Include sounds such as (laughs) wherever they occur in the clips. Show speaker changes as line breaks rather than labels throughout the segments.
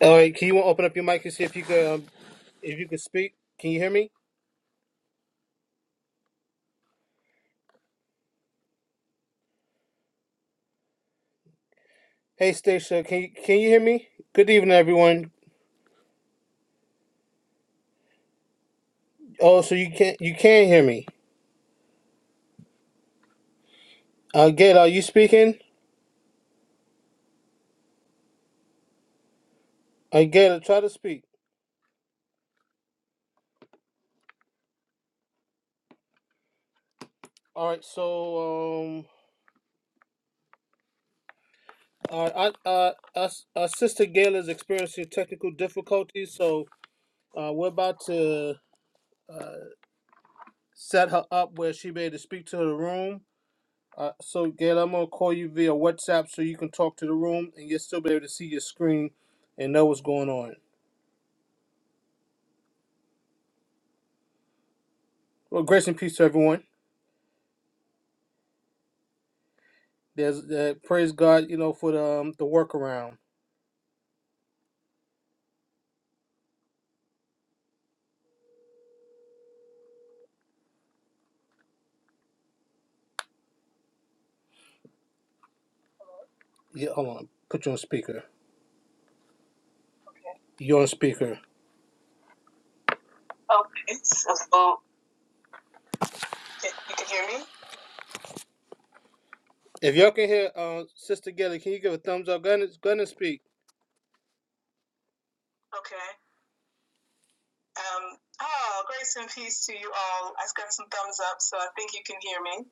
All right, can you open up your mic and see if you could um, if you could speak? Can you hear me? Hey, Stacia, can you, can you hear me? Good evening, everyone. Oh, so you can't you can hear me? Uh, Gail, are you speaking? Uh, Gail, try to speak. All right, so um, our our, our, our sister Gail is experiencing technical difficulties, so uh, we're about to uh, set her up where she be able to speak to the room. Uh, so, Gail, I'm gonna call you via WhatsApp so you can talk to the room and you'll still be able to see your screen and know what's going on. Well, grace and peace to everyone. There's uh, praise God, you know, for the um, the workaround. Yeah, hold on, put you on speaker. You're on speaker. Okay, so so, can, you can hear me. If y'all can hear, uh, Sister Gilly, can you give a thumbs up? Gun, gun and go ahead and speak. Okay. Um. Oh, grace and peace to you all. I have got some thumbs up, so I think you can hear me.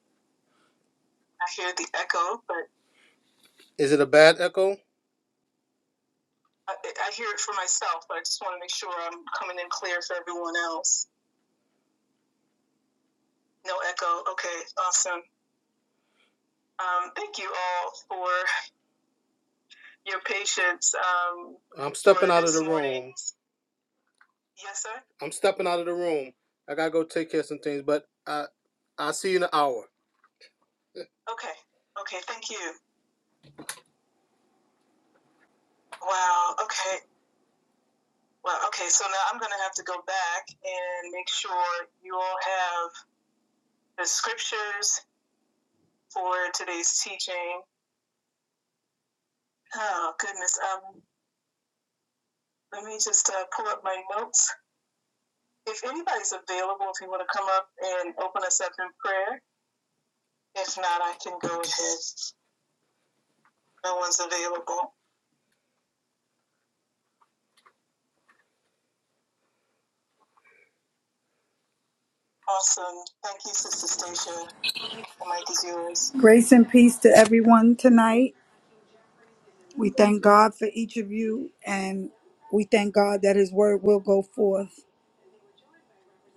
I hear the echo, but is it a bad echo? I, I hear it for myself, but I just want to make sure I'm coming in clear for everyone else. No echo. Okay, awesome. Um, thank you all for your patience. Um, I'm stepping out of this the morning. room. Yes, sir. I'm stepping out of the room. I gotta go take care of some things, but I I'll see you in an hour. Okay. Okay. Thank you. Wow. Okay. Well, okay. So now I'm going to have to go back and make sure you all have the scriptures for today's teaching Oh goodness. Um, let me just uh, pull up my notes. If anybody's available, if you want to come up and open us up in prayer. If not, I can go ahead. No one's available. Awesome. Thank you, Sister Stacia. The mic is yours.
Grace and peace to everyone tonight. We thank God for each of you, and we thank God that His word will go forth.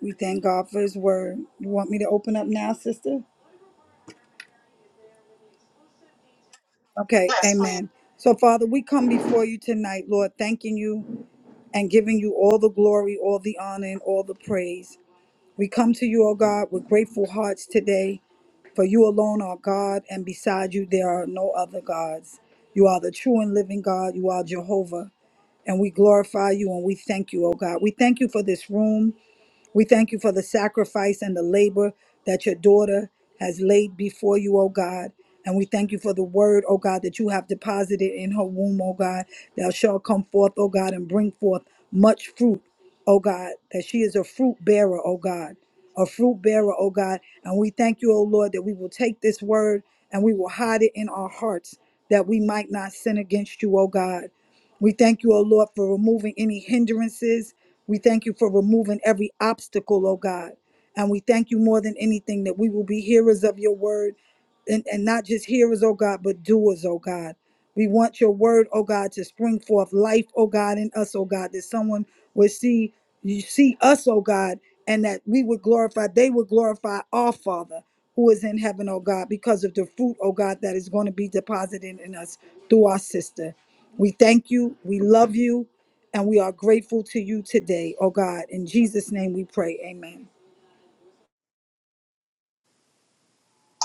We thank God for His word. You want me to open up now, sister? Okay,
Yes, please.
amen. So, Father, we come before you tonight, Lord, thanking you and giving you all the glory, all the honor, and all the praise. We come to you, O God, with grateful hearts today, for you alone are God, and beside you there are no other gods. You are the true and living God. You are Jehovah. and we glorify you and we thank you, oh God. We thank you for this room. We thank you for the sacrifice and the labor that your daughter has laid before you, O God. And we thank you for the word, O God, that you have deposited in her womb, O God. Thou shalt come forth, O God, and bring forth much fruit, O God, that she is a fruit bearer, O God, a fruit bearer, O God. And we thank you, O Lord, that we will take this word and we will hide it in our hearts that we might not sin against you, O God. We thank you, O Lord, for removing any hindrances. We thank you for removing every obstacle, oh God. And we thank you more than anything that we will be hearers of your word and, and not just hearers, oh God, but doers, oh God. We want your word, oh God, to spring forth life, oh God, in us, oh God, that someone would see you see us, oh God, and that we would glorify, they would glorify our Father who is in heaven, oh God, because of the fruit, oh God, that is going to be deposited in us through our sister. We thank you, we love you, and we are grateful to you today, oh God. In Jesus' name we pray. Amen.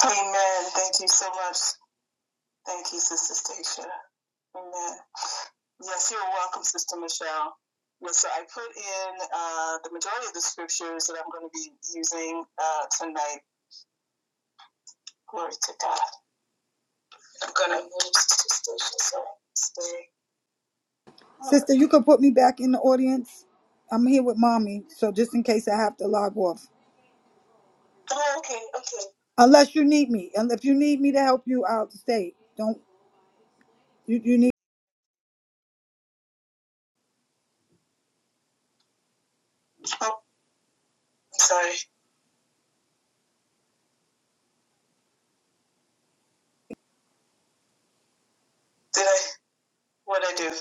Amen. Thank you so much. Thank you, Sister Stacia. Amen. Yes, you're welcome, Sister Michelle. Yes, so I put in uh, the majority of the scriptures that I'm going to be using uh, tonight. Glory to God. I'm gonna move to station so I Oh,
Sister, you can put me back in the audience. I'm here with mommy, so just in case I have to log off.
oh, okay, okay.
Unless you need me. And if you need me to help you, I'll stay. Don't you, you need
Oh, sorry. Did I? What did I do?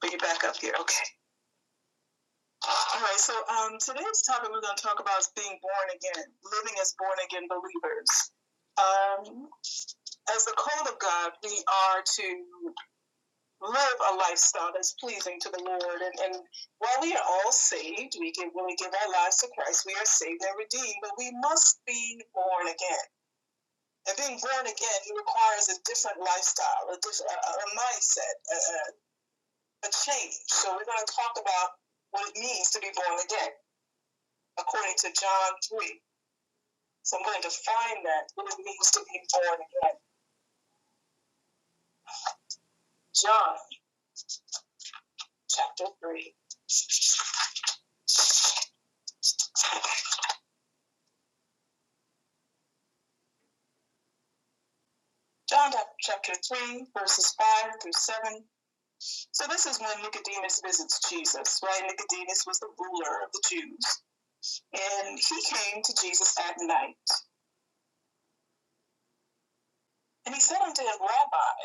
But you back up here. Okay. All right. So um, today's topic we're gonna talk about is being born again, living as born again believers. Um, as the called of God, we are to live a lifestyle that's pleasing to the Lord. And, and while we are all saved, we can when we give our lives to Christ, we are saved and redeemed. But we must be born again And being born again requires a different lifestyle, a different a, a mindset, a, a change. So we're going to talk about what it means to be born again, according to John three. So I'm going to define that what it means to be born again. John chapter three. John chapter 3, verses 5 through 7. So, this is when Nicodemus visits Jesus, right? Nicodemus was the ruler of the Jews, and he came to Jesus at night. And he said unto him, Rabbi,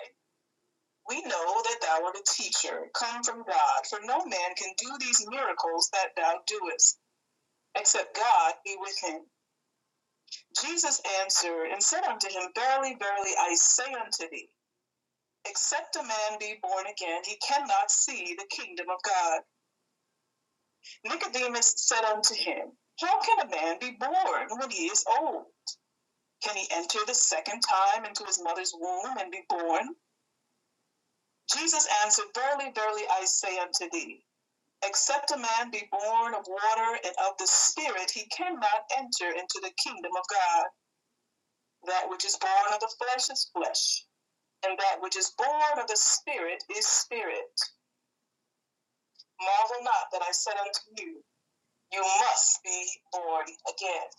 We know that thou art a teacher, come from God, for no man can do these miracles that thou doest, except God be with him. Jesus answered and said unto him, Verily, verily, I say unto thee, except a man be born again, he cannot see the kingdom of God. Nicodemus said unto him, How can a man be born when he is old? Can he enter the second time into his mother's womb and be born? Jesus answered, Verily, verily, I say unto thee, Except a man be born of water and of the Spirit, he cannot enter into the kingdom of God. That which is born of the flesh is flesh, and that which is born of the Spirit is spirit. Marvel not that I said unto you, you must be born again.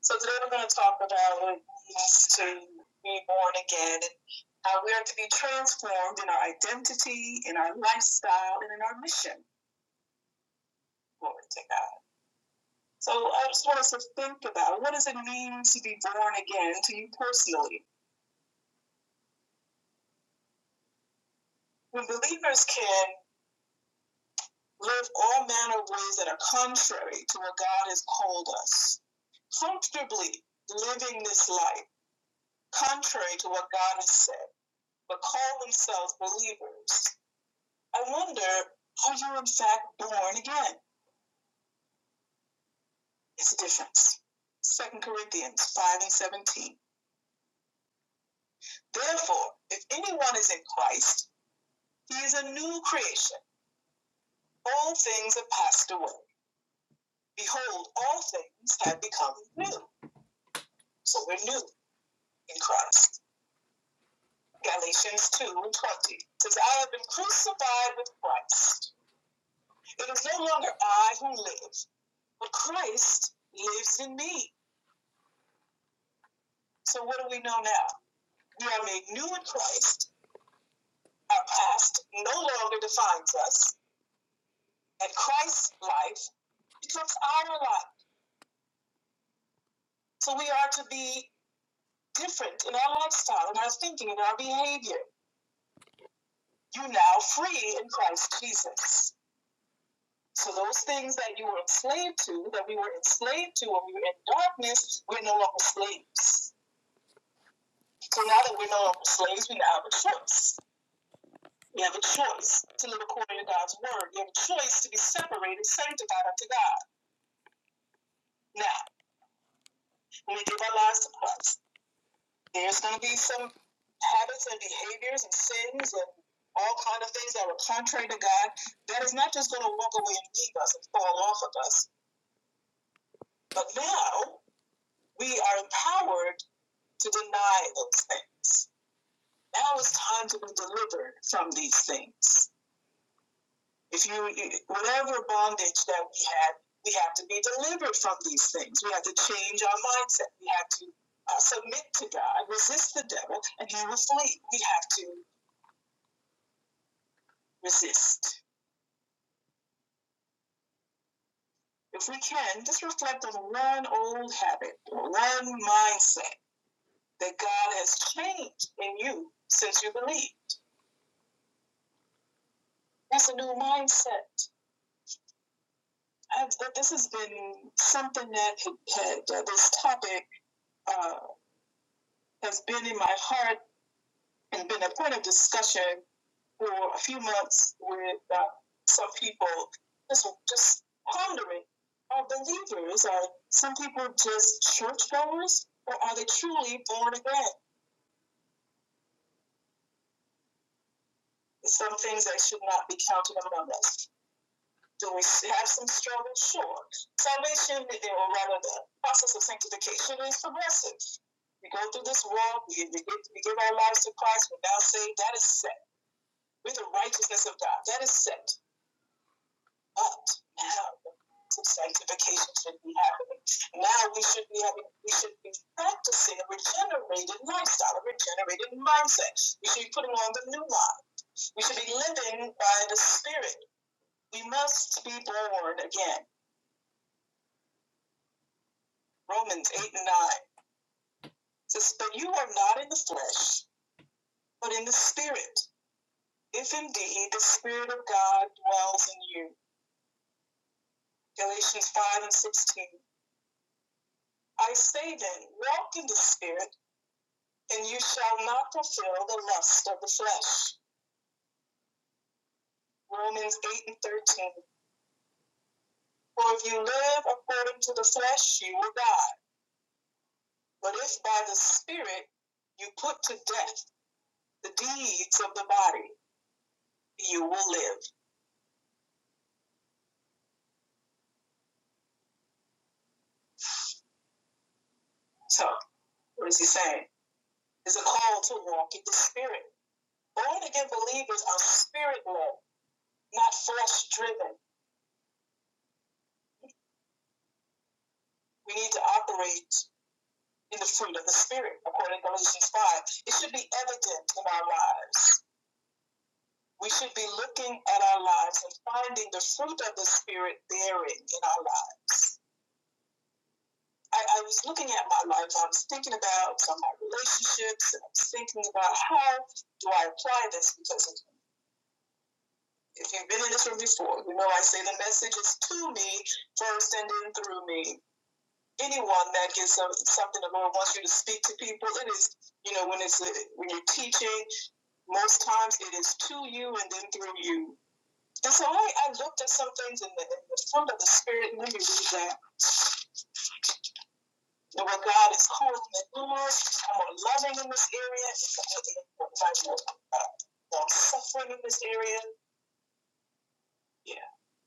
So today we're going to talk about what it means to be born again and how we are to be transformed in our identity, in our lifestyle, and in our mission. Glory to God. So I just want us to think about what does it mean to be born again to you personally? When believers can live all manner of ways that are contrary to what God has called us, comfortably living this life contrary to what God has said, but call themselves believers, I wonder, are you in fact born again? It's a difference. Second Corinthians 5 and 17. Therefore, if anyone is in Christ, he is a new creation. All things have passed away. Behold, all things have become new. So we're new in Christ. Galatians 2 20 says, I have been crucified with Christ. It is no longer I who live, but Christ lives in me. So what do we know now? We are made new in Christ. Our past no longer defines us, and Christ's life becomes our life. So we are to be different in our lifestyle, in our thinking, in our behavior. you now free in Christ Jesus. So those things that you were enslaved to, that we were enslaved to when we were in darkness, we're no longer slaves. So now that we're no longer slaves, we now have a choice. We have a choice to live according to God's word. We have a choice to be separated, sanctified unto God. Now, when we give our lives to Christ, there's going to be some habits and behaviors and sins and all kind of things that were contrary to God. That is not just going to walk away and leave us and fall off of us But now we are empowered to deny those things. Now it's time to be delivered from these things. If you, whatever bondage that we had, we have to be delivered from these things. We have to change our mindset. We have to uh, submit to God, resist the devil, and he will flee. We have to resist. If we can, just reflect on one old habit, one mindset that God has changed in you since you believe. that's a new mindset. I've, this has been something that had uh, this topic uh, has been in my heart and been a point of discussion for a few months with uh, some people. Just, just pondering: Are believers? Are some people just churchgoers, or are they truly born again? Some things that should not be counted among us. Do we have some struggle? Sure. Salvation, or rather, the process of sanctification is progressive. We go through this world. we, we, give, we give our lives to Christ, we're now saved. That is set. We're the righteousness of God. That is set. But now, some sanctification should be happening. Now we should be having, we should be practicing a regenerated lifestyle, a regenerated mindset. We should be putting on the new life. We should be living by the Spirit. We must be born again. Romans 8 and 9 says, But you are not in the flesh, but in the spirit, if indeed the spirit of God dwells in you. Galatians 5 and 16. I say then, walk in the spirit, and you shall not fulfill the lust of the flesh. Romans 8 and 13. For if you live according to the flesh, you will die. But if by the spirit you put to death the deeds of the body, you will live. So, what is he saying? Is a call to walk in the spirit. Born again believers are spirit led, not force driven. We need to operate in the fruit of the spirit, according to Galatians 5. It should be evident in our lives. We should be looking at our lives and finding the fruit of the spirit bearing in our lives. I, I was looking at my life. I was thinking about some of my relationships, and I was thinking about how do I apply this because of If you've been in this room before, you know I say the message is to me first and then through me. Anyone that gets some, something the Lord wants you to speak to people, it is, you know, when it's uh, when you're teaching, most times it is to you and then through you. And so I, I looked at some things in the, in the fruit of the Spirit. and Let me read that. And what God is calling me, Lord, I'm more loving in this area. I'm more uh, suffering in this area. Yeah.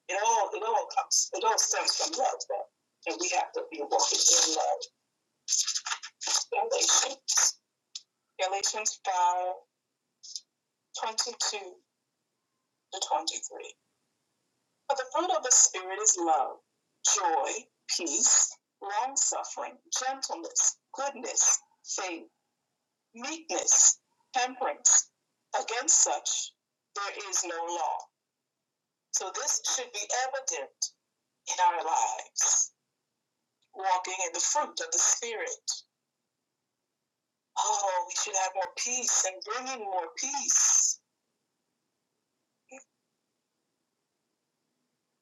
It all it all comes it all stems from love, though. and we have to be walking in love. Galatians, Galatians five twenty two to twenty three. But the fruit of the spirit is love, joy, peace, long suffering, gentleness, goodness, faith, meekness, temperance. Against such there is no law. So this should be evident in our lives, walking in the fruit of the spirit Oh, we should have more peace and bringing more peace.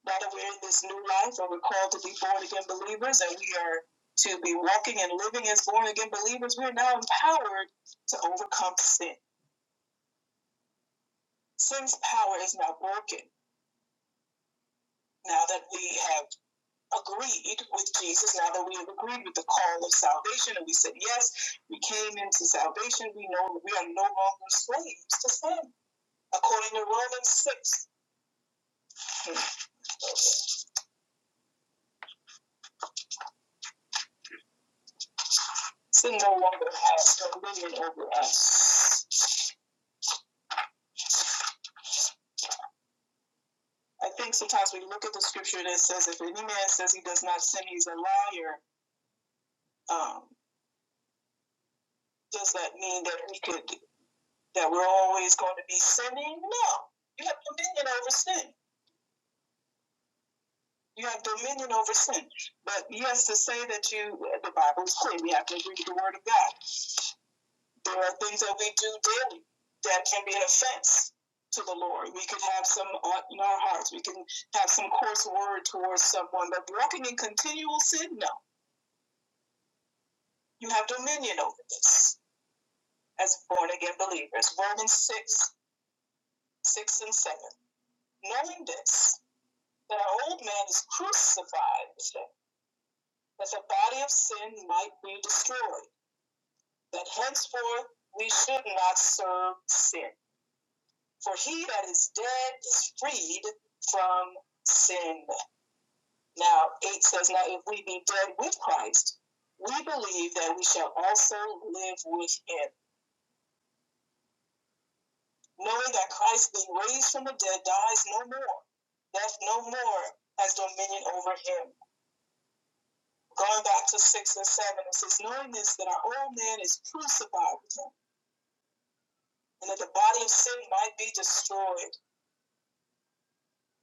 Now that we're in this new life and we're called to be born again believers and we are to be walking and living as born again believers, we're now empowered to overcome sin. Sin's power is now broken now that we have agreed with Jesus, now that we have agreed with the call of salvation and we said, yes, we came into salvation, we know we are no longer slaves to sin. According to Romans 6, sin no longer has no dominion over us. I think sometimes we look at the scripture that says, if any man says he does not sin, he's a liar. Um, does that mean that we could, that we're always going to be sinning? No. You have dominion over sin. You have dominion over sin. But yes, to say that you, the Bible is clear, we have to agree with the word of God. There are things that we do daily that can be an offense to the Lord. We can have some in our hearts. We can have some coarse word towards someone. But walking in continual sin, no. You have dominion over this as born again believers. Romans 6, 6 and 7. Knowing this, that our old man is crucified that the body of sin might be destroyed, that henceforth we should not serve sin. For he that is dead is freed from sin. Now, 8 says, Now if we be dead with Christ, we believe that we shall also live with him, knowing that Christ, being raised from the dead, dies no more. Death no more has dominion over him. Going back to 6 and 7, it says, Knowing this, that our old man is crucified with him, and that the body of sin might be destroyed.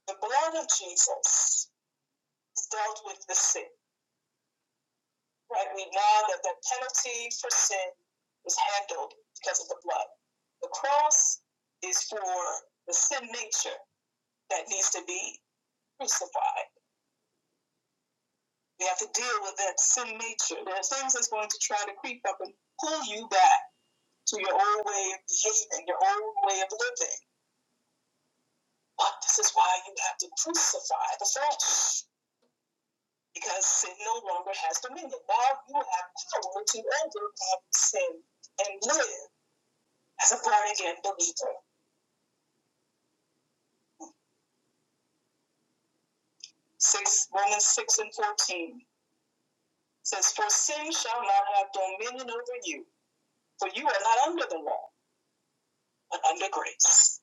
The blood of Jesus dealt with the sin. right, we know that the penalty for sin is handled because of the blood. The cross is for the sin nature that needs to be crucified. We have to deal with that sin nature. There are things that's going to try to creep up and pull you back to your old way of behaving, your old way of living. But this is why you have to crucify the flesh because sin no longer has dominion. Now you have power to overcome sin and live as a born again believer. Six, Romans 6 and 14 says, For sin shall not have dominion over you, for you are not under the law, but under grace.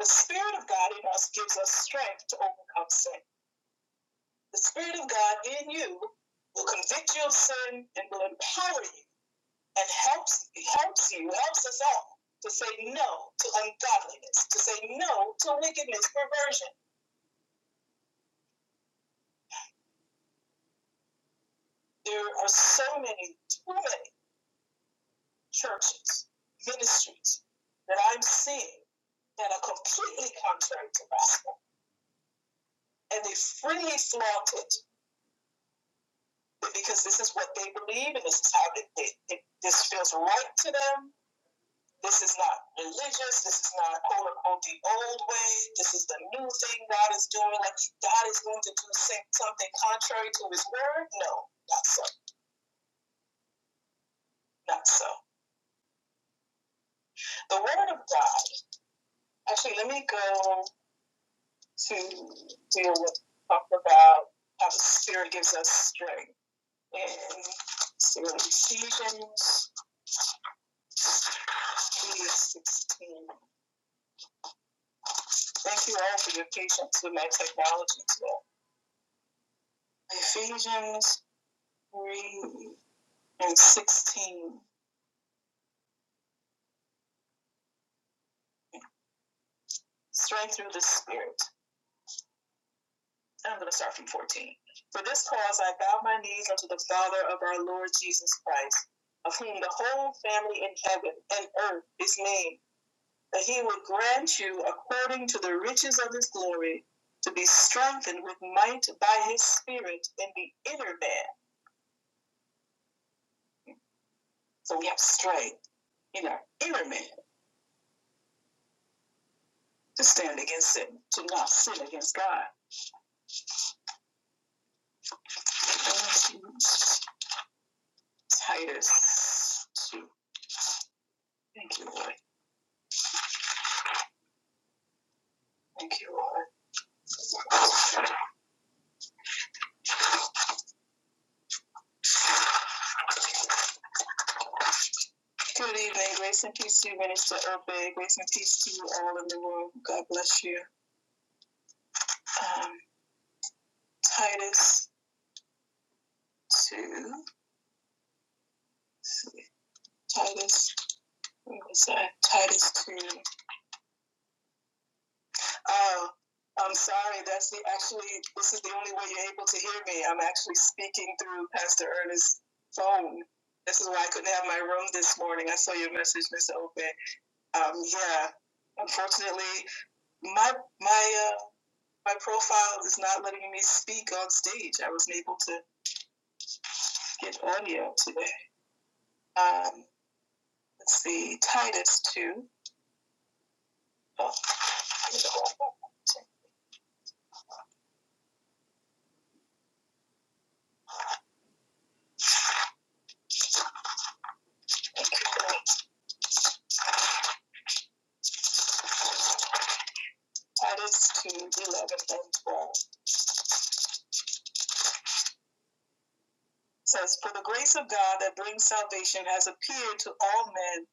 The Spirit of God in us gives us strength to overcome sin. The Spirit of God in you will convict you of sin and will empower you and helps, helps you, helps us all to say no to ungodliness, to say no to wickedness, perversion. There are so many, too many churches, ministries that I'm seeing that are completely contrary to gospel. And they freely flaunt it because this is what they believe and this is how they, they, they- this feels right to them. This is not religious. This is not quote unquote the old way. This is the new thing God is doing. Like God is going to do something contrary to his word. No, not so. Not so. The word of God. Actually, let me go to deal with talk about how the Spirit gives us strength And so Ephesians three sixteen. Thank you all for your patience with my technology today. Ephesians three and sixteen. Strength through the Spirit. I'm going to start from fourteen. For this cause I bow my knees unto the Father of our Lord Jesus Christ, of whom the whole family in heaven and earth is named that he would grant you, according to the riches of his glory, to be strengthened with might by his spirit in the inner man. So we have strength in our inner man to stand against sin, to not sin against God. Titus 2. Thank you, Lord. Thank you, Lord. Good evening. Grace and peace to you, Minister Urbe. Grace and peace to you all in the world. God bless you. Um, Titus 2. Titus Wait a sec. Titus 2. Oh, I'm sorry. That's the actually, this is the only way you're able to hear me. I'm actually speaking through Pastor Ernest's phone. This is why I couldn't have my room this morning. I saw your message, Mr. Open. Um, yeah, unfortunately, my my uh, my profile is not letting me speak on stage. I wasn't able to get audio today. Um, let's see, Titus two. Oh, Titus two, eleven and twelve. says, For the grace of God that brings salvation has appeared to all men,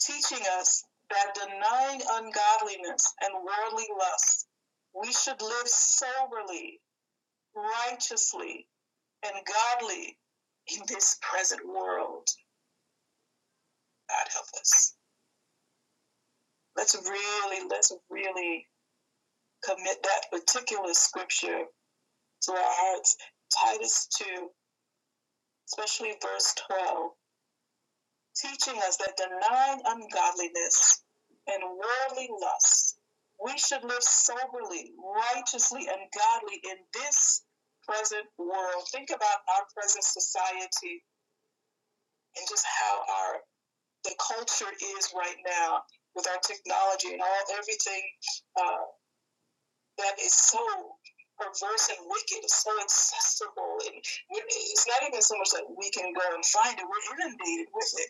teaching us that denying ungodliness and worldly lusts, we should live soberly, righteously, and godly in this present world. God help us. Let's really, let's really commit that particular scripture to our hearts. Titus 2, especially verse 12. teaching us that denying ungodliness and worldly lusts, we should live soberly, righteously, and godly in this present world. Think about our present society and just how our the culture is right now with our technology and all everything uh, that is so perverse and wicked, so accessible, and it's not even so much that we can go and find it. We're inundated with it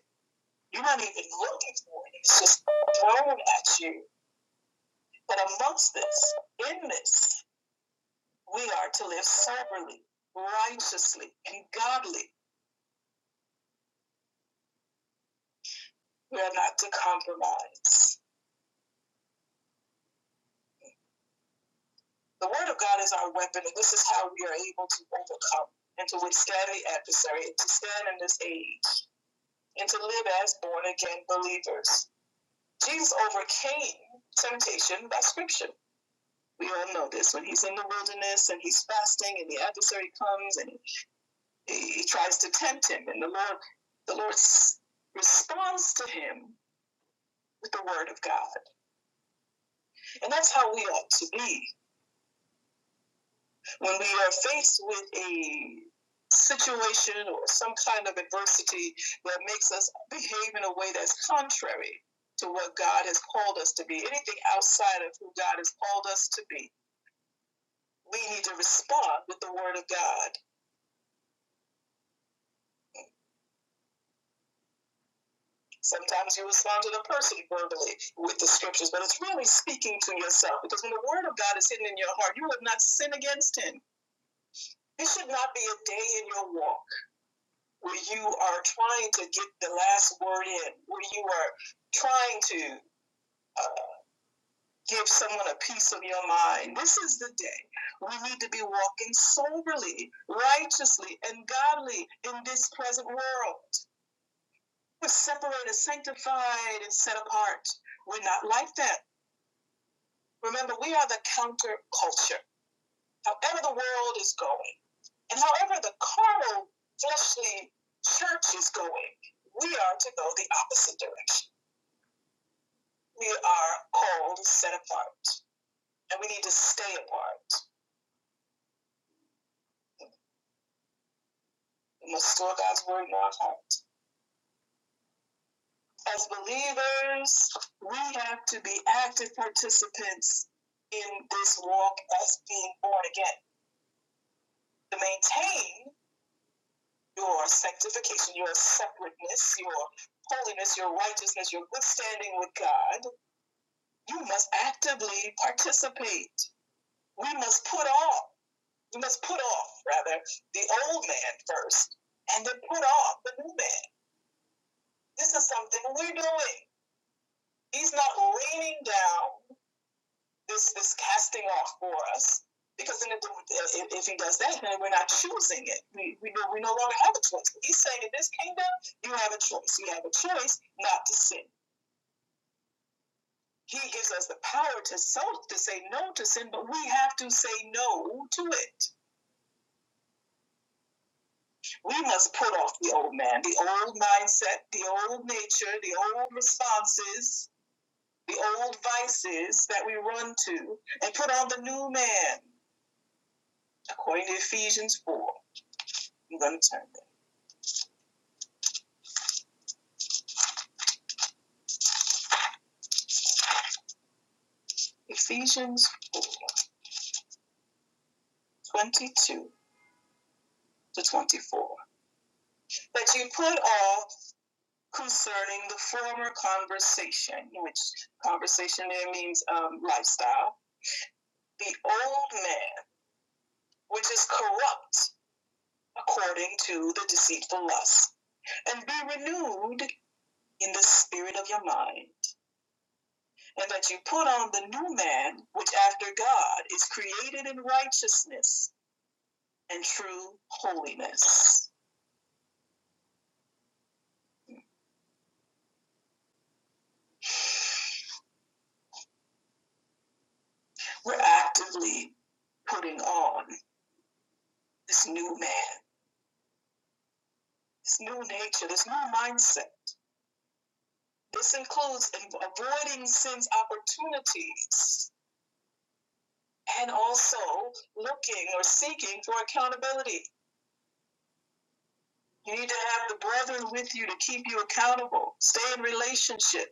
you're not even looking for it. It's just thrown at you. But amongst this, in this, we are to live soberly, righteously, and godly. We are not to compromise. The word of God is our weapon, and this is how we are able to overcome and to withstand the adversary, and to stand in this age, and to live as born again believers. Jesus overcame temptation by scripture. We all know this. When he's in the wilderness and he's fasting, and the adversary comes and he He tries to tempt him, and the Lord, the Lord responds to him with the word of God. And that's how we ought to be when we are faced with a situation or some kind of adversity that makes us behave in a way that's contrary to what God has called us to be, anything outside of who God has called us to be. We need to respond with the word of God Sometimes you respond to the person verbally with the scriptures, but it's really speaking to yourself because when the word of God is hidden in your heart, you would not sin against him. It should not be a day in your walk where you are trying to get the last word in, where you are trying to uh, give someone a piece of your mind. This is the day we need to be walking soberly, righteously, and godly in this present world. We're separated, sanctified, and set apart. We're not like that. Remember, we are the counterculture. However, the world is going, and however the carnal, fleshly church is going, we are to go the opposite direction. We are called set apart, and we need to stay apart. We must store God's word in our heart. As believers, we have to be active participants in this walk as being born again to maintain your sanctification, your separateness, your holiness, your righteousness, your good standing with God, you must actively participate. We must put off, we must put off, rather, the old man first, and then put off the new man. This is something we're doing. He's not raining down this this casting off for us. Because then if, if, he does that, then we're not choosing it. We, we, no- we no longer have a choice. He's saying in this kingdom, you have a choice. You have a choice not to sin. He gives us the power to so, to say no to sin, but we have to say no to it. We must put off the old man, the old mindset, the old nature, the old responses, the old vices that we run to, and put on the new man, according to Ephesians 4. I'm going to turn. Ephesians 22 to 24. That you put off concerning the former conversation, which conversation there means um, lifestyle, the old man, which is corrupt according to the deceitful lust, and be renewed in the spirit of your mind, and that you put on the new man, which after God is created in righteousness and true holiness. we're actively putting on this new man, this new nature, this new mindset. This includes avoiding sin's opportunities and also looking or seeking for accountability. You need to have the brethren with you to keep you accountable. Stay in relationship.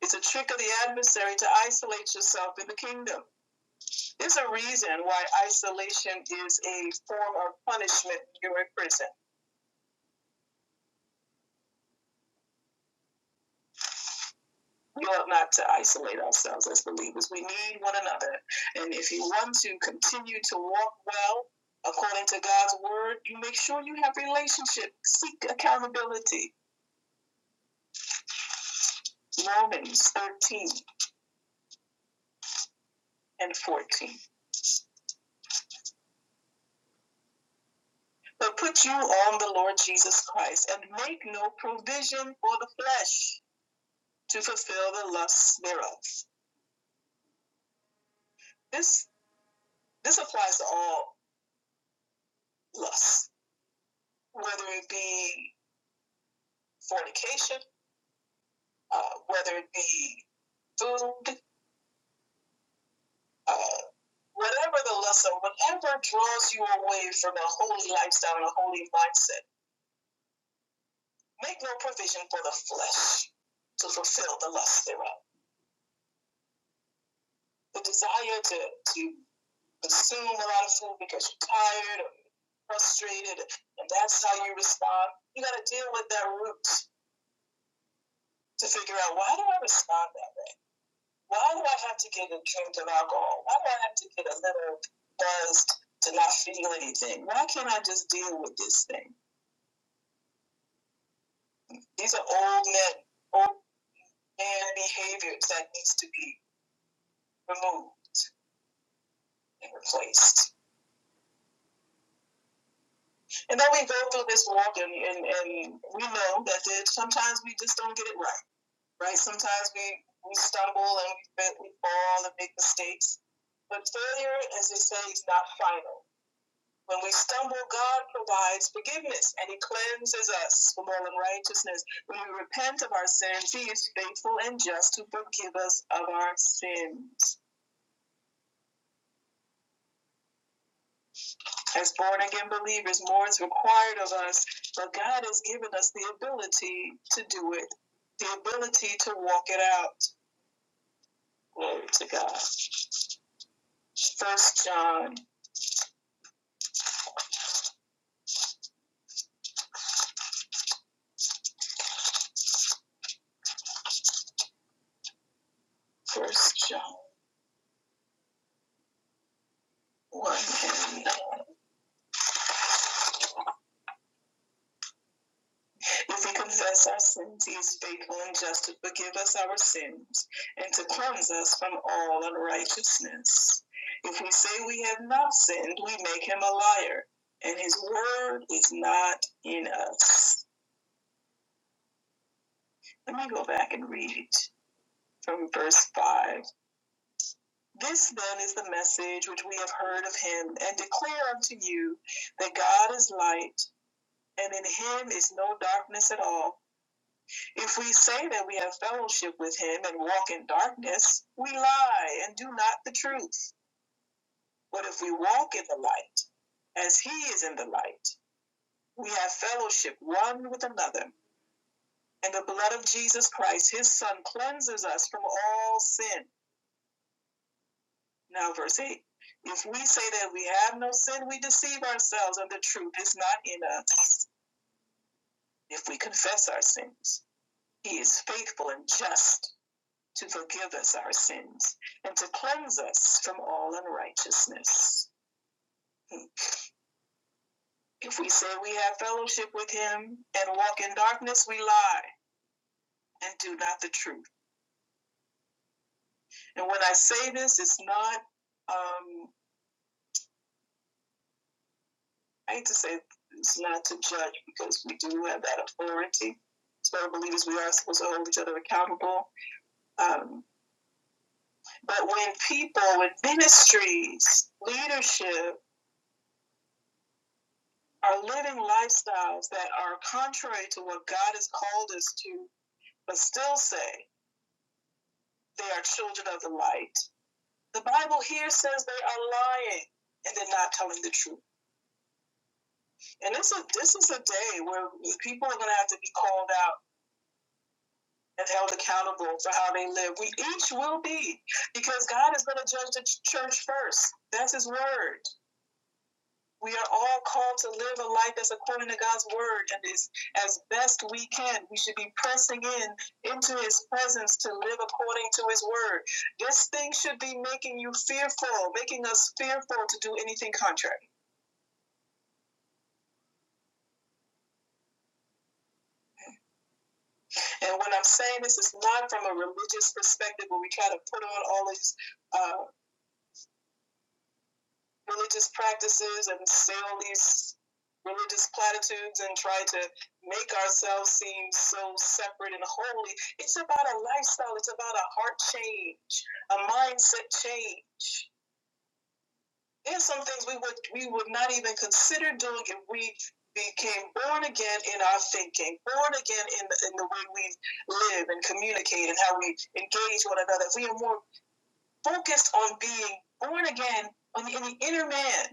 It's a trick of the adversary to isolate yourself in the kingdom. There's a reason why isolation is a form of punishment when you're in prison. we ought not to isolate ourselves as believers. We need one another. And if you want to continue to walk well according to God's word, you make sure you have relationship. Seek accountability. Romans 13 and 14. But put you on the Lord Jesus Christ and make no provision for the flesh to fulfill the lusts thereof. This this applies to all lusts, whether it be fornication, uh, whether it be food, Uh, whatever the lesson, whatever draws you away from a holy lifestyle and a holy mindset, make no provision for the flesh to fulfill the lust thereof. The desire to, to consume a lot of food because you're tired or you're frustrated, and that's how you respond. You got to deal with that root to figure out why do I respond that way? Why do I have to get a drink of alcohol? Why do I have to get a little buzzed to not feel anything? Why can't I just deal with this thing? These are old men, old man behaviors that needs to be removed and replaced. And then we go through this walk and, and, and we know that there, sometimes we just don't get it right, right? Sometimes we, we stumble and we, we fall and make mistakes. But failure, as they say, is not final. When we stumble, God provides forgiveness and He cleanses us from all unrighteousness. When we repent of our sins, He is faithful and just to forgive us of our sins. As born again believers, more is required of us, but God has given us the ability to do it, the ability to walk it out. Glory to God. First John, First John. 1 If we confess our sins, he is faithful and just to forgive us our sins and to cleanse us from all unrighteousness. If we say we have not sinned, we make him a liar, and his word is not in us. Let me go back and read from verse 5. This then is the message which we have heard of him and declare unto you that God is light and in him is no darkness at all. If we say that we have fellowship with him and walk in darkness, we lie and do not the truth. But if we walk in the light, as he is in the light, we have fellowship one with another. And the blood of Jesus Christ, his Son, cleanses us from all sin Now, verse 8 If we say that we have no sin, we deceive ourselves, and the truth is not in us. If we confess our sins, he is faithful and just to forgive us our sins and to cleanse us from all unrighteousness. If we say we have fellowship with him and walk in darkness, we lie and do not the truth. And when I say this, it's not um, I hate to say it's not to judge because we do have that authority. So believers, we are supposed to hold each other accountable. Um, but when people, when ministries, leadership are living lifestyles that are contrary to what God has called us to, but still say they are children of the light, the Bible here says they are lying and they're not telling the truth. And this is this is a day where people are going to have to be called out and held accountable for how they live. We each will be, because God is going to judge the church first. That's His word. We are all called to live a life that's according to God's word, and is as best we can. We should be pressing in into His presence to live according to His word. This thing should be making you fearful, making us fearful to do anything contrary. And when I'm saying this, it's not from a religious perspective where we try to put on all these uh, religious practices and sell these religious platitudes and try to make ourselves seem so separate and holy. It's about a lifestyle, it's about a heart change, a mindset change. There's some things we would we would not even consider doing if we became born again in our thinking, born again in the, in the way we live and communicate and how we engage one another. If we are more focused on being born again on in the inner man,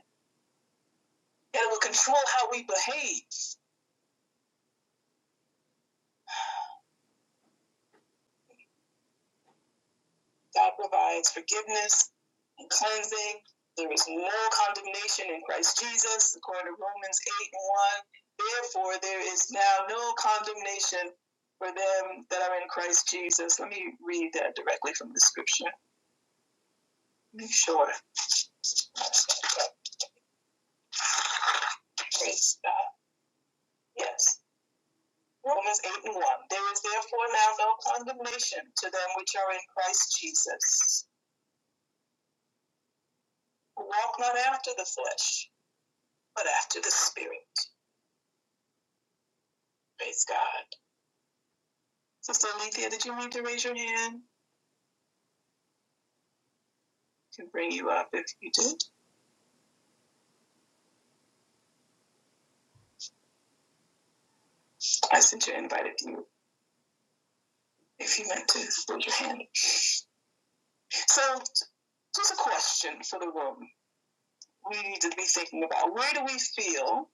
and it will control how we behave. God provides forgiveness and cleansing. There is no condemnation in Christ Jesus, according to Romans 8 and 1. Therefore, there is now no condemnation for them that are in Christ Jesus. Let me read that directly from the scripture. Make sure. Praise God. Yes. Romans 8 and 1. There is therefore now no condemnation to them which are in Christ Jesus, who walk not after the flesh but after the Spirit. Praise God. Sister Alethea, did you mean to raise your hand? To bring you up if you did. I sent you an invite if you if you meant to raise your hand. So just a question for the room. We need to be thinking about where do we feel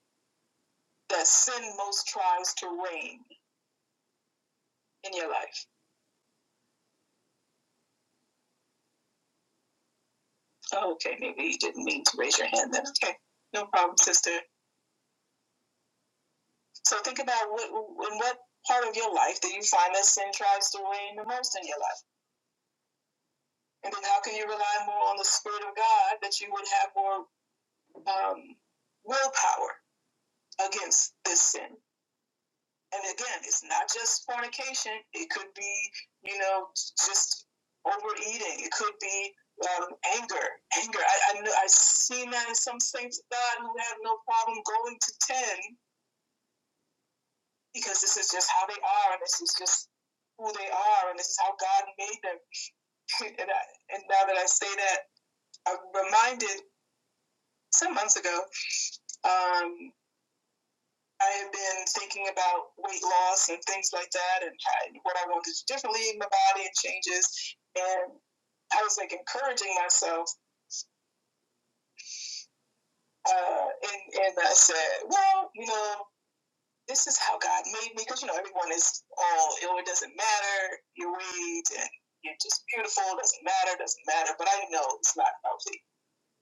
that sin most tries to reign in your life? Oh, okay, maybe you didn't mean to raise your hand then. Okay, no problem, sister. So think about what in what part of your life that you find that sin tries to reign the most in your life. And then how can you rely more on the Spirit of God that you would have more um, willpower against this sin? And again, it's not just fornication. It could be, you know, just overeating. It could be um, anger. Anger. I, I know, I've seen that in some saints of God who have no problem going to 10 because this is just how they are and this is just who they are and this is how God made them. (laughs) and, I, and now that I say that, I'm reminded some months ago Um, I have been thinking about weight loss and things like that, and how- what I want to do differently in my body and changes. And I was like encouraging myself, uh, and and I said, well, you know, this is how God made me, because you know everyone is all oh, it doesn't matter your weight and you're just beautiful, doesn't matter, doesn't matter. But I know it's not healthy.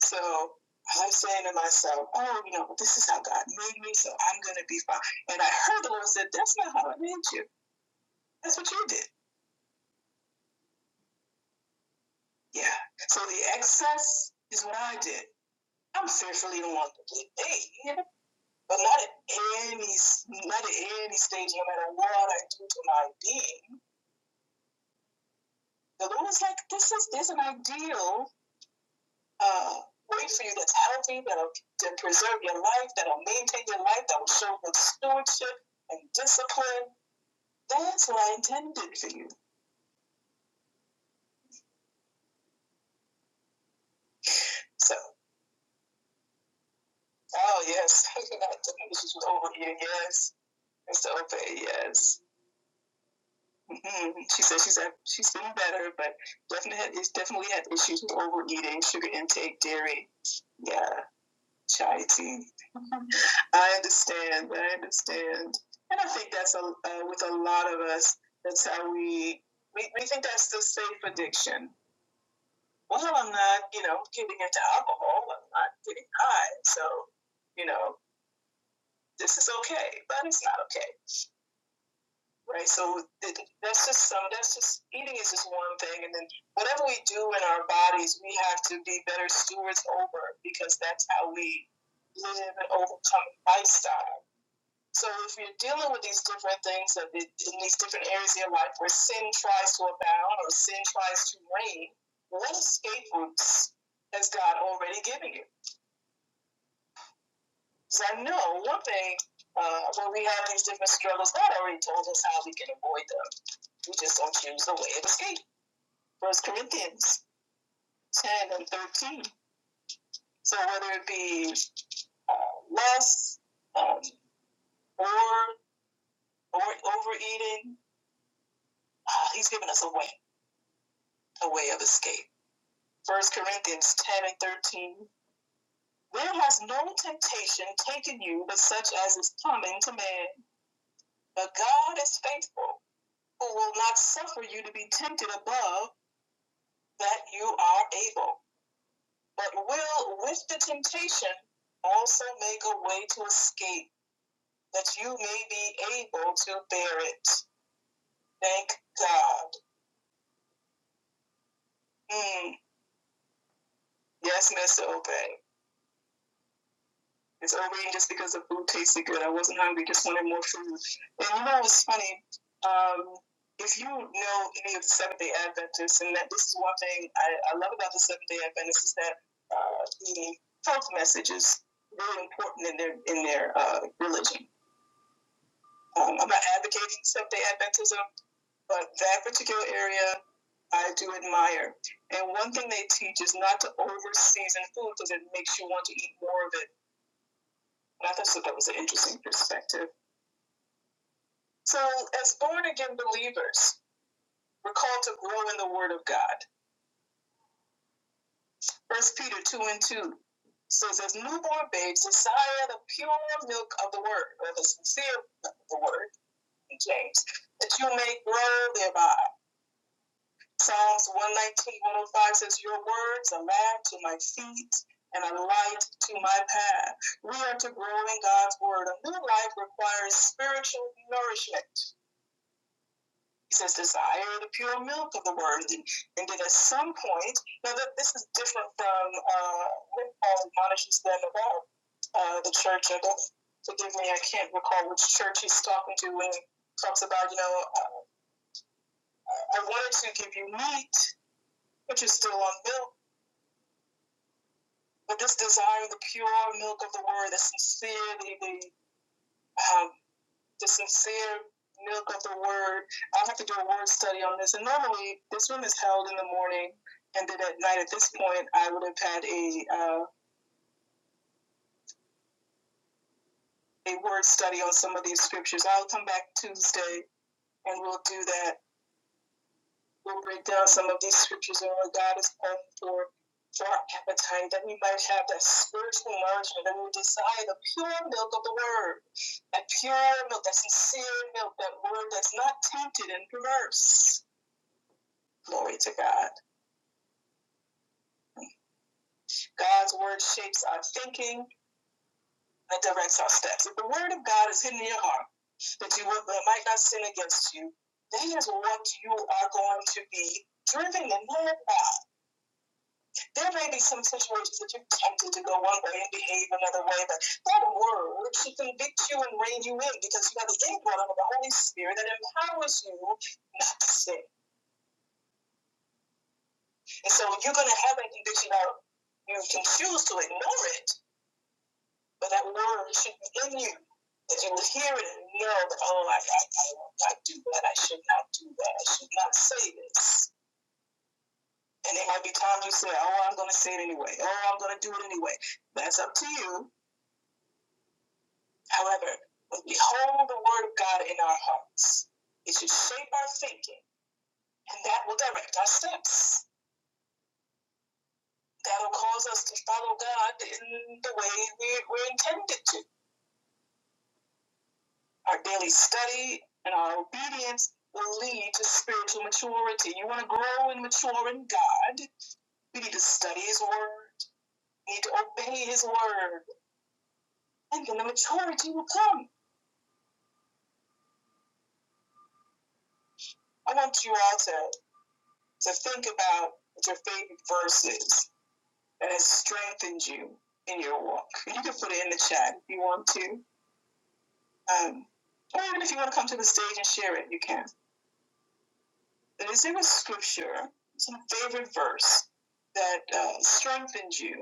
So I'm saying to myself, oh, you know, this is how God made me, so I'm going to be fine. And I heard the Lord said, that's not how I made you. That's what you did. Yeah. So the excess is what I did. I'm fearfully and wonderfully made, but not at any, not at any stage, no matter what I do to my being. The Lord is like, this is there's an ideal uh, way for you that's healthy, that'll that preserve your life, that'll maintain your life, that will show good stewardship and discipline That's what I intended for you. So, oh, yes. (laughs) She's over here, yes. Mr. Obey, yes. hmm She says she's had, she's been better, but definitely had, it's definitely had issues with overeating, sugar intake, dairy. Yeah, chai tea. Mm-hmm. I understand. I understand. And I think that's a, uh, with a lot of us, that's how we, we, we think that's the safe addiction well, I'm not, you know, getting into alcohol. I'm not getting high. So, you know, this is okay, but it's not okay, right? So that's just some. That's just eating is just one thing, and then whatever we do in our bodies, we have to be better stewards over because that's how we live an overcome lifestyle. So if you're dealing with these different things that in these different areas of your life where sin tries to abound or sin tries to reign, what escape routes has God already given you? So I know one thing uh, when we have these different struggles, God already told us how we can avoid them. We just don't choose the way of escape. First Corinthians 10 and 13. So whether it be uh, lust um, or, or overeating, uh, he's given us a way, a way of escape. First Corinthians 10 and 13. There has no temptation taken you but such as is common to man. But God is faithful, who will not suffer you to be tempted above that you are able, but will, with the temptation, also make a way to escape that you may be able to bear it. Thank God. Mm. Yes, Miss Obey. It's overeating just because the food tasted good. I wasn't hungry, just wanted more food. And you know what's funny? Um, if you know any of the Seventh Day Adventists, and that this is one thing I, I love about the Seventh Day Adventists is that uh, the health message is really important in their in their uh, religion. Um, I'm not advocating Seventh Day Adventism, but that particular area I do admire. And one thing they teach is not to overseason food because it makes you want to eat more of it. And I thought that was an interesting perspective. So, as born again believers, we're called to grow in the Word of God. First Peter 2 and 2 says, As newborn babes, desire the pure milk of the Word, or the sincere milk of the Word, in James, that you may grow thereby. Psalms 119, 105 says, Your words are a lamp to my feet and a light to my path. We are to grow in God's Word. A new life requires spiritual nourishment He says, desire the pure milk of the word. And, and then at some point, now that this is different from uh, what Paul admonishes them about uh, the church. And don't, forgive me, I can't recall which church he's talking to when he talks about, you know, I, I wanted to give you meat, but you're still on milk. But this desire, the pure milk of the word, the sincere, the, the um, the sincere milk of the word. I'll have to do a word study on this. And normally, this room is held in the morning, and then at night. At this point, I would have had a uh, a word study on some of these scriptures. I'll come back Tuesday, and we'll do that. We'll break down some of these scriptures and what God is calling for for our appetite, that we might have that spiritual nourishment, that we desire the pure milk of the word, that pure milk, that sincere milk, that word that's not tainted and perverse. Glory to God. God's word shapes our thinking and directs our steps. If the word of God is hidden in your heart, that you might not sin against you, that is what you are going to be driven and led by. There may be some situations that you're tempted to go one way and behave another way, but that word should convict you and rein you in because you have the indwelling of the Holy Spirit that empowers you not to sin. And so you're going to have a conviction out you can choose to ignore it, But that word should be in you, that you will hear it and know that, oh, I, I, I, I do that. I should not do that. I should not say this. And there might be times you say, oh, I'm going to say it anyway. Oh, I'm going to do it anyway. That's up to you. However, when we hold the word of God in our hearts, it should shape our thinking, and that will direct our steps. That will cause us to follow God in the way we, we're intended to Our daily study and our obedience will lead to spiritual maturity. You want to grow and mature in God, you need to study His Word, you need to obey His Word, and then the maturity will come. I want you all to, to think about your favorite verses that has strengthened you in your walk. You can put it in the chat if you want to. Um, or even if you want to come to the stage and share it, you can. But is there a scripture, some favorite verse that uh, strengthened you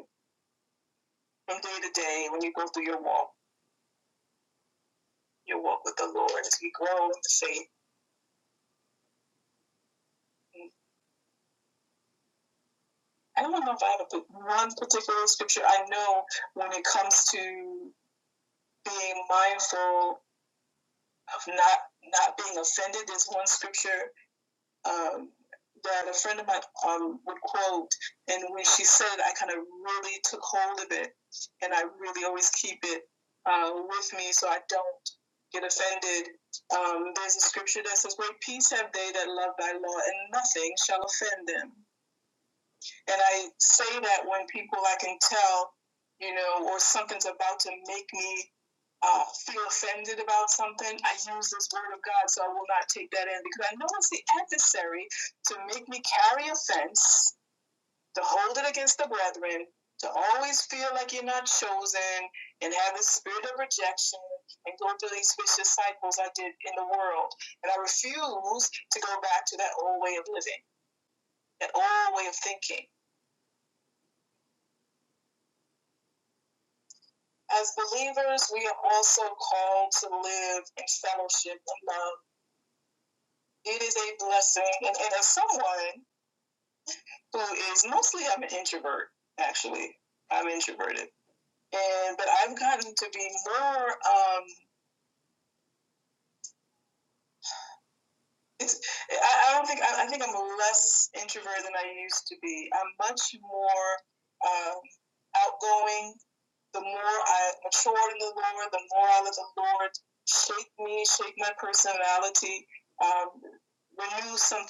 from day to day when you go through your walk, your walk with the Lord, as we grow in faith. I don't know if I have one particular scripture. I know when it comes to being mindful of not not being offended, there's one scripture um, that a friend of mine um, would quote, and when she said, I kind of really took hold of it, and I really always keep it uh, with me so I don't get offended. Um, there's a scripture that says, "Great peace have they that love Thy law, and nothing shall offend them." And I say that when people I can tell, you know, or something's about to make me uh, feel offended about something, I use this word of God, so I will not take that in because I know it's the adversary to make me carry offense, to hold it against the brethren, to always feel like you're not chosen and have this spirit of rejection and go through these vicious cycles I did in the world. And I refuse to go back to that old way of living, that old way of thinking. As believers, we are also called to live in fellowship and love. It is a blessing. And, and as someone who is mostly, I'm an introvert, actually, I'm introverted. And, but I've gotten to be more um, it's, I, I don't think I, I think I'm less introvert than I used to be. I'm much more um, outgoing. The more I matured in the Lord, the more I let the Lord shape me, shape my personality, um, renew some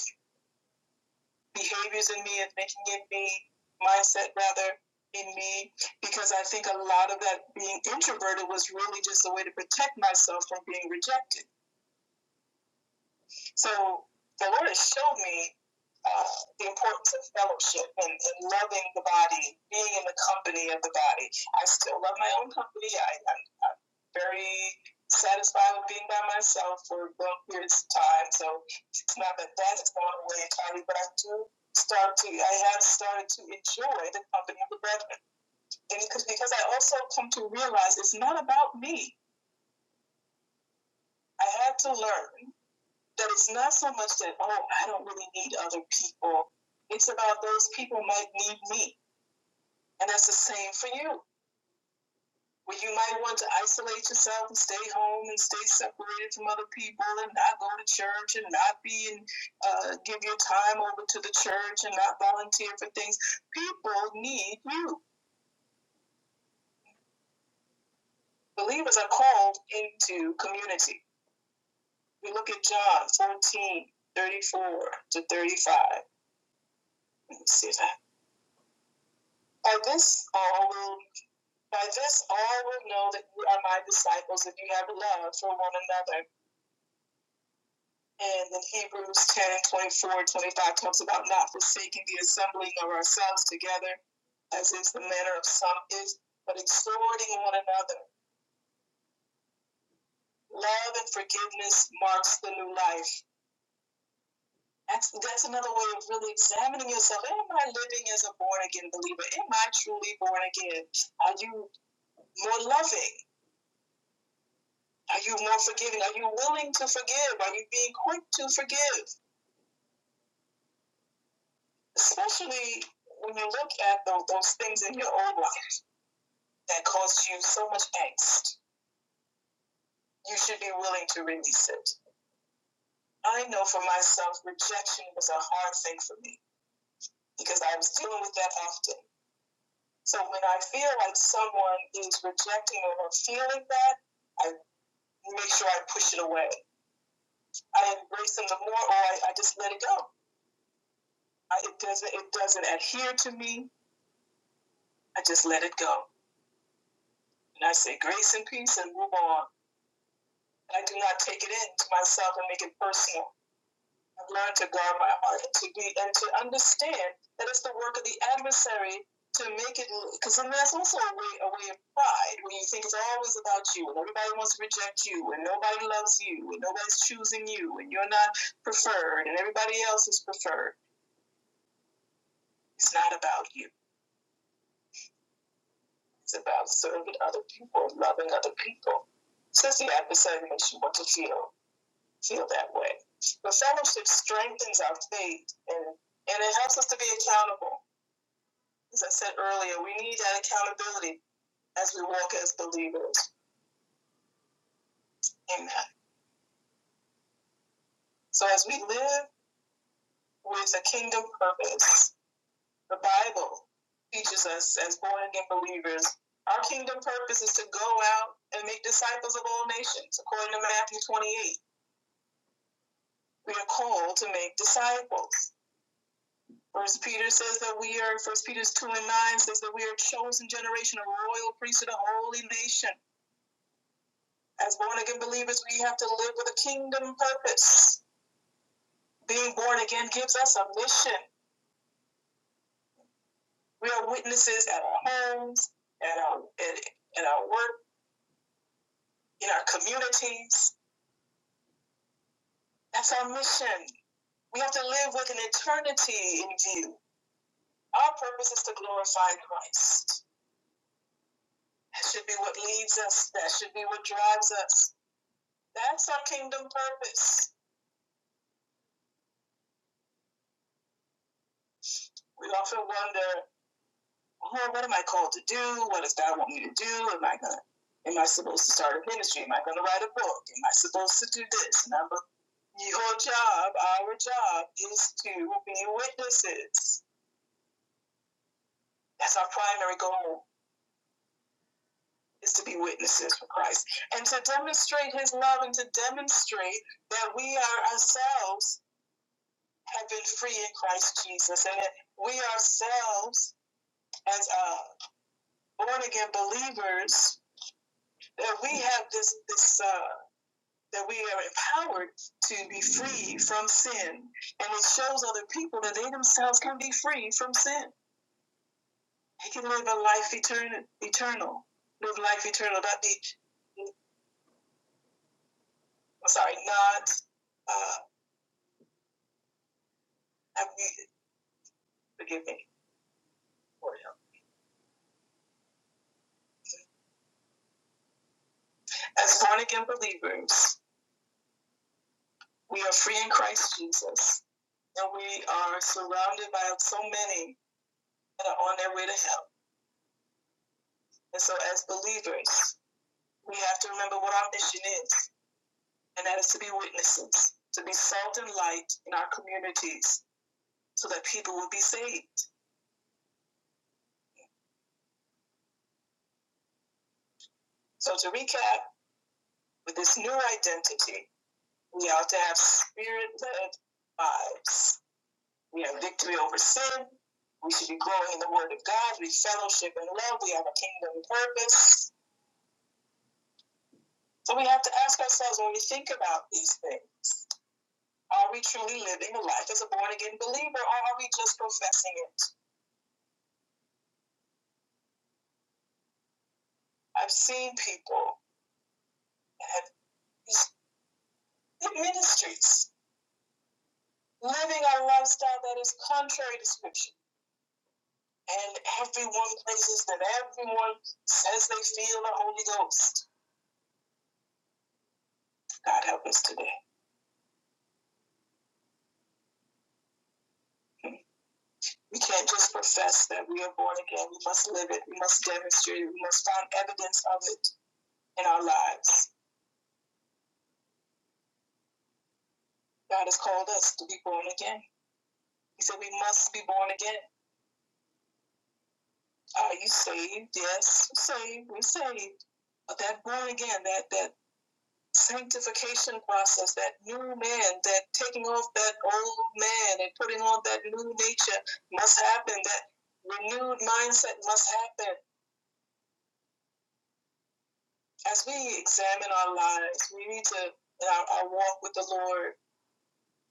behaviors in me and making it me, mindset rather in me, because I think a lot of that being introverted was really just a way to protect myself from being rejected. So the Lord has showed me uh, the importance of fellowship and, and loving the body, being in the company of the body. I still love my own company. I, I'm, I'm very satisfied with being by myself for long periods of time. So it's not that that's going away entirely, but I do start to, I have started to enjoy the company of the brethren. And because, because I also come to realize it's not about me. I had to learn that it's not so much that, oh, I don't really need other people. It's about those people might need me. And that's the same for you. Where you might want to isolate yourself and stay home and stay separated from other people and not go to church and not be and uh, give your time over to the church and not volunteer for things. People need you. Believers are called into community. We look at John 14 34 to 35. Let me see that. By this all will By this all will know that you are my disciples if you have love for one another. And in Hebrews 10 24 25, talks about not forsaking the assembling of ourselves together, as is the manner of some is, but exhorting one another. Love and forgiveness marks the new life. That's, that's another way of really examining yourself. Am I living as a born again believer? Am I truly born again? Are you more loving? Are you more forgiving? Are you willing to forgive? Are you being quick to forgive? Especially when you look at those, those things in your own life that cause you so much angst, you should be willing to release it. I know for myself, rejection was a hard thing for me because I was dealing with that often. So when I feel like someone is rejecting or feeling that, I make sure I push it away. I embrace them the more, or I, I just let it go. I, it doesn't it doesn't adhere to me. I just let it go. And I say grace and peace and move on. And I do not take it in to myself and make it personal. I've learned to guard my heart and to be and to understand that it's the work of the adversary to make it because I that's also a way a way of pride when you think it's always about you and everybody wants to reject you and nobody loves you and nobody's choosing you and you're not preferred and everybody else is preferred. It's not about you. It's about serving other people, loving other people. Says the adversary makes you want to feel feel that way. The fellowship strengthens our faith and, and it helps us to be accountable. As I said earlier, we need that accountability as we walk as believers. Amen. So as we live with a kingdom purpose, the Bible teaches us as born again believers, our kingdom purpose is to go out and make disciples of all nations, according to Matthew 28. We are called to make disciples. First Peter says that we are, First Peter 2 and 9 says that we are a chosen generation, a royal priesthood, a holy nation. As born again believers, we have to live with a kingdom purpose. Being born again gives us a mission. We are witnesses at our homes, at our, at, at our work, in our communities. That's our mission. We have to live with an eternity in view. Our purpose is to glorify Christ. That should be what leads us, that should be what drives us That's our kingdom purpose. We often wonder, oh, what am I called to do? What does God want me to do? Am I gonna am I supposed to start a ministry? Am I gonna write a book? Am I supposed to do this? Number, your job, our job is to be witnesses. That's our primary goal is to be witnesses for Christ and to demonstrate his love and to demonstrate that we are ourselves have been free in Christ Jesus and that we ourselves as uh, born again believers that we have this, this uh, that we are empowered to be free from sin, and it shows other people that they themselves can be free from sin. They can live a life eternal, eternal, live life eternal, not be. I'm sorry, not. Uh, I mean, forgive me. As born again believers, we are free in Christ Jesus, and we are surrounded by so many that are on their way to hell. And so, as believers, we have to remember what our mission is, and that is to be witnesses, to be salt and light in our communities so that people will be saved. So, to recap, with this new identity, we ought to have spirit led lives. We have victory over sin. We should be growing in the Word of God. We fellowship and love. We have a kingdom purpose. So, we have to ask ourselves when we think about these things are we truly living a life as a born again believer, or are we just professing it? I've seen people and ministries, living a lifestyle that is contrary to Scripture. And everyone praises that everyone says they feel the Holy Ghost. God help us today. We can't just profess that we are born again. We must live it. We must demonstrate it. We must find evidence of it in our lives. God has called us to be born again. He said we must be born again. Are you saved? Yes, saved. We're saved. But that born again, that that sanctification process, that new man, that taking off that old man and putting on that new nature must happen, that renewed mindset must happen. As we examine our lives, we need to, in our, our walk with the Lord,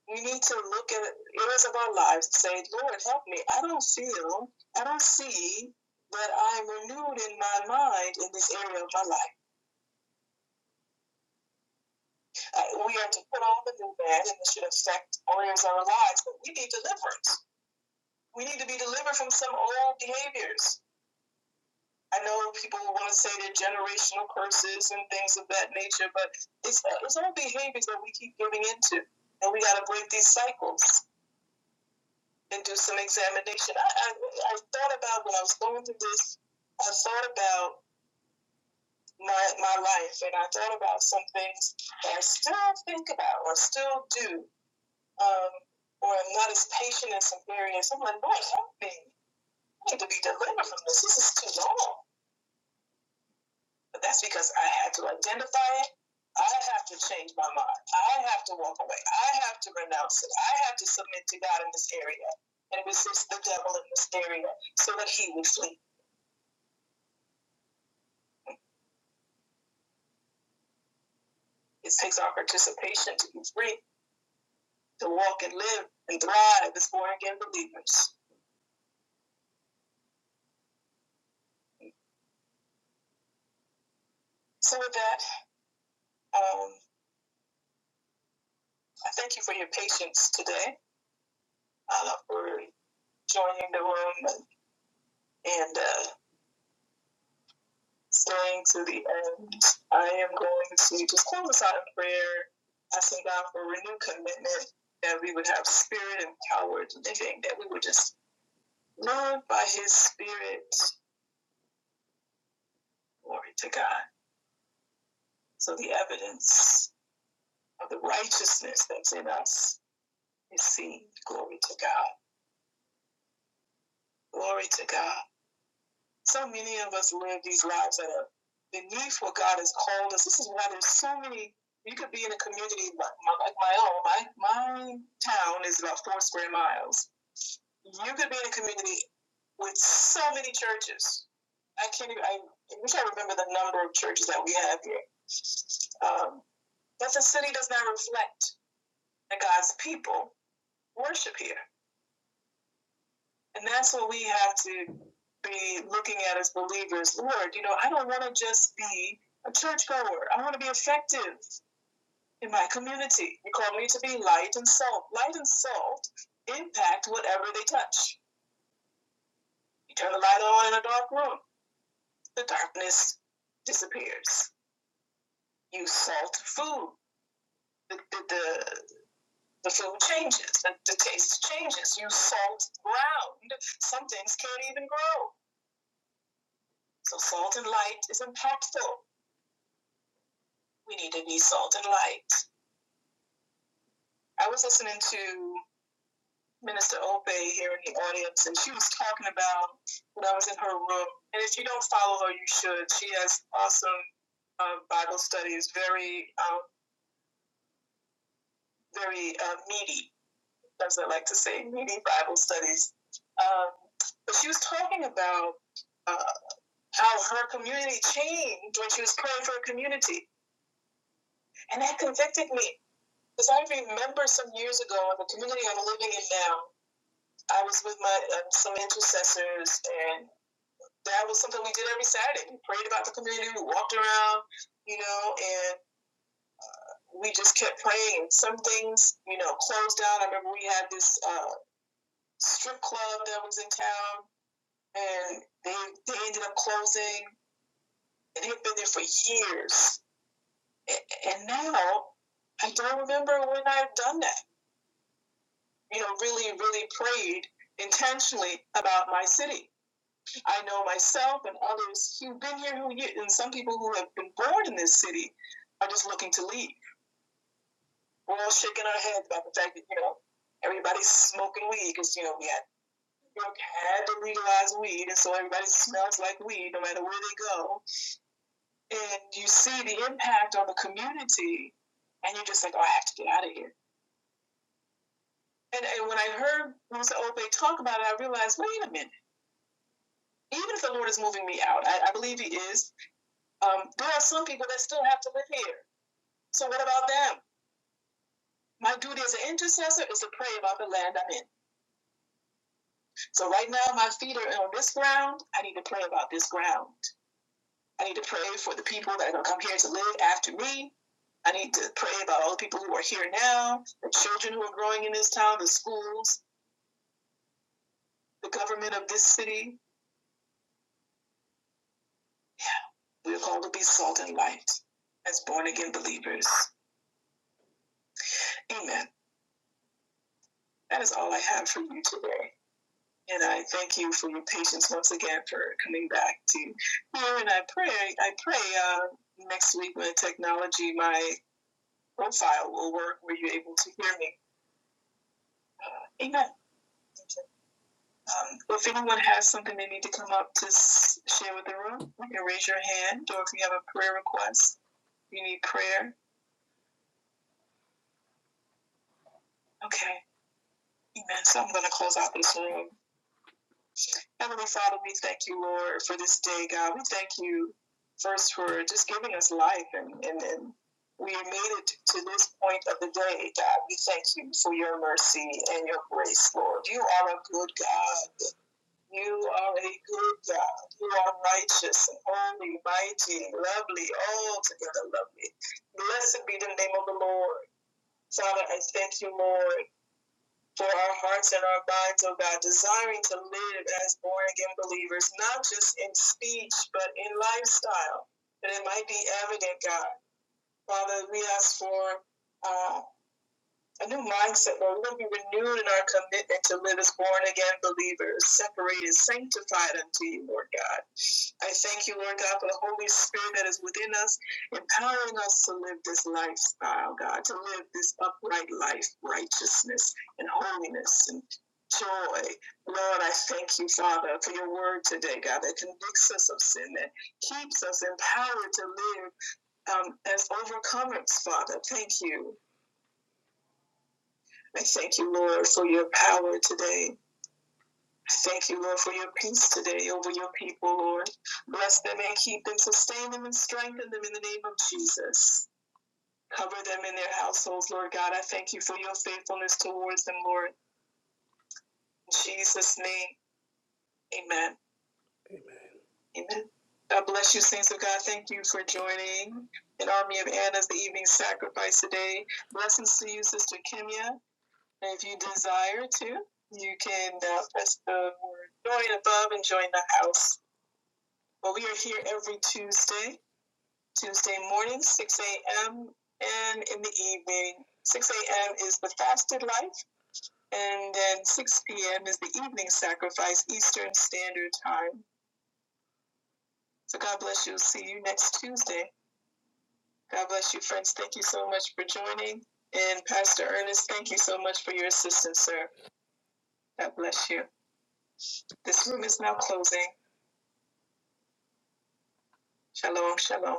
we need to look at areas of our lives and say, Lord, help me. I don't feel, I don't see that I'm renewed in my mind in this area of my life. Uh, we are to put on the new man, and this should affect all areas of our lives, but we need deliverance we need to be delivered from some old behaviors. I know people want to say they're generational curses and things of that nature, but it's uh, it's all behaviors that we keep giving into, and we got to break these cycles and do some examination. I, I I thought about when I was going through this, I thought about my my life, and I thought about some things that I still think about or still do, um, or I'm not as patient in some areas. I'm like, Lord, help me! I need to be delivered from this. This is too long. But that's because I had to identify it. I have to change my mind. I have to walk away. I have to renounce it. I have to submit to God in this area and resist the devil in this area so that he would flee. It takes our participation to be free, to walk and live and thrive as born again believers. So, with that, um, I thank you for your patience today, uh, for joining the room and uh, staying to the end. I am going to just close us out in prayer, asking God for a renewed commitment that we would have spirit empowered living, that we would just live by His Spirit. Glory to God. So the evidence of the righteousness that's in us is seen. Glory to God. Glory to God. so many of us live these lives that are beneath what God has called us. This is why there's so many. You could be in a community like my, like my own. My my town is about four square miles. You could be in a community with so many churches. I can't even. I wish I remember the number of churches that we have here. Um, but the city does not reflect that God's people worship here. And that's what we have to be looking at as believers. Lord, you know, I don't want to just be a churchgoer. I want to be effective in my community. You call me to be light and salt. Light and salt impact whatever they touch. You turn the light on in a dark room, the darkness disappears. You salt food, the, the, the, the food changes, the, the taste changes. You salt ground, some things can't even grow. So salt and light is impactful. we need to be salt and light. I was listening to Minister Obey here in the audience, and she was talking about when I was in her room. And if you don't follow her, you should. She has awesome uh, Bible studies, very, um, very uh, meaty, as I like to say, meaty Bible studies. Um, but she was talking about uh, how her community changed when she was praying for her community. And that convicted me because I remember some years ago in the community I'm living in now, I was with my um, some intercessors, and that was something we did every Saturday. We prayed about the community, we walked around, you know, and we just kept praying. Some things, you know, closed down. I remember we had this uh, strip club that was in town, and they they ended up closing, and they've been there for years. And now, I don't remember when I've done that. You know, really, really prayed intentionally about my city I know myself and others who've been here, who and some people who have been born in this city are just looking to leave. We're all shaking our heads about the fact that you know everybody's smoking weed because you know we had New York had to legalize weed, and so everybody smells like weed no matter where they go. And you see the impact on the community, and you're just like, oh, I have to get out of here. And, and when I heard Musa Ope talk about it, I realized, wait a minute. Even if the Lord is moving me out, I, I believe He is. Um, there are some people that still have to live here So what about them? My duty as an intercessor is to pray about the land I'm in. So right now, my feet are on this ground. I need to pray about this ground. I need to pray for the people that are going to come here to live after me. I need to pray about all the people who are here now, the children who are growing in this town, the schools, the government of this city. Yeah, We are called to be salt and light as born again believers. Amen. That is all I have for you today. And I thank you for your patience once again for coming back to here. And I pray, I pray uh, next week when technology, my profile will work where you're able to hear me. Amen. Um, if anyone has something they need to come up to share with the room, you can raise your hand. Or if you have a prayer request, you need prayer. Okay. Amen. So I'm going to close out this room. Heavenly Father, we thank you, Lord, for this day, God. We thank you first for just giving us life and, and, and we made it to this point of the day, God. We thank you for your mercy and your grace, Lord. You are a good God. You are a good God. You are righteous and holy, mighty, lovely, altogether lovely. Blessed be the name of the Lord. Father, I thank you, Lord, for our hearts and our minds, oh God, desiring to live as born again believers, not just in speech, but in lifestyle, that it might be evident, God. Father, we ask for. uh, a new mindset, Lord. We'll be renewed in our commitment to live as born again believers, separated, sanctified unto you, Lord God. I thank you, Lord God, for the Holy Spirit that is within us, empowering us to live this lifestyle, God, to live this upright life, righteousness and holiness and joy. Lord, I thank you, Father, for your word today, God, that convicts us of sin, that keeps us empowered to live um, as overcomers, Father. Thank you. I thank you, Lord, for your power today. Thank you, Lord, for your peace today over your people, Lord. Bless them and keep them, sustain them and strengthen them in the name of Jesus. Cover them in their households, Lord God. I thank you for your faithfulness towards them, Lord. In Jesus' name, amen. Amen. God bless you, saints of God. Thank you for joining an army of Anna's the evening sacrifice today. Blessings to you, Sister Kimya. If you desire to, you can uh, press the word join above and join the house. But well, we are here every Tuesday, Tuesday morning, 6 a.m., and in the evening. 6 a.m. is the fasted life, and then 6 p.m. is the evening sacrifice, Eastern Standard Time. So God bless you. See you next Tuesday. God bless you, friends. Thank you so much for joining. And Pastor Ernest, thank you so much for your assistance, sir. God bless you. This room is now closing Shalom, shalom.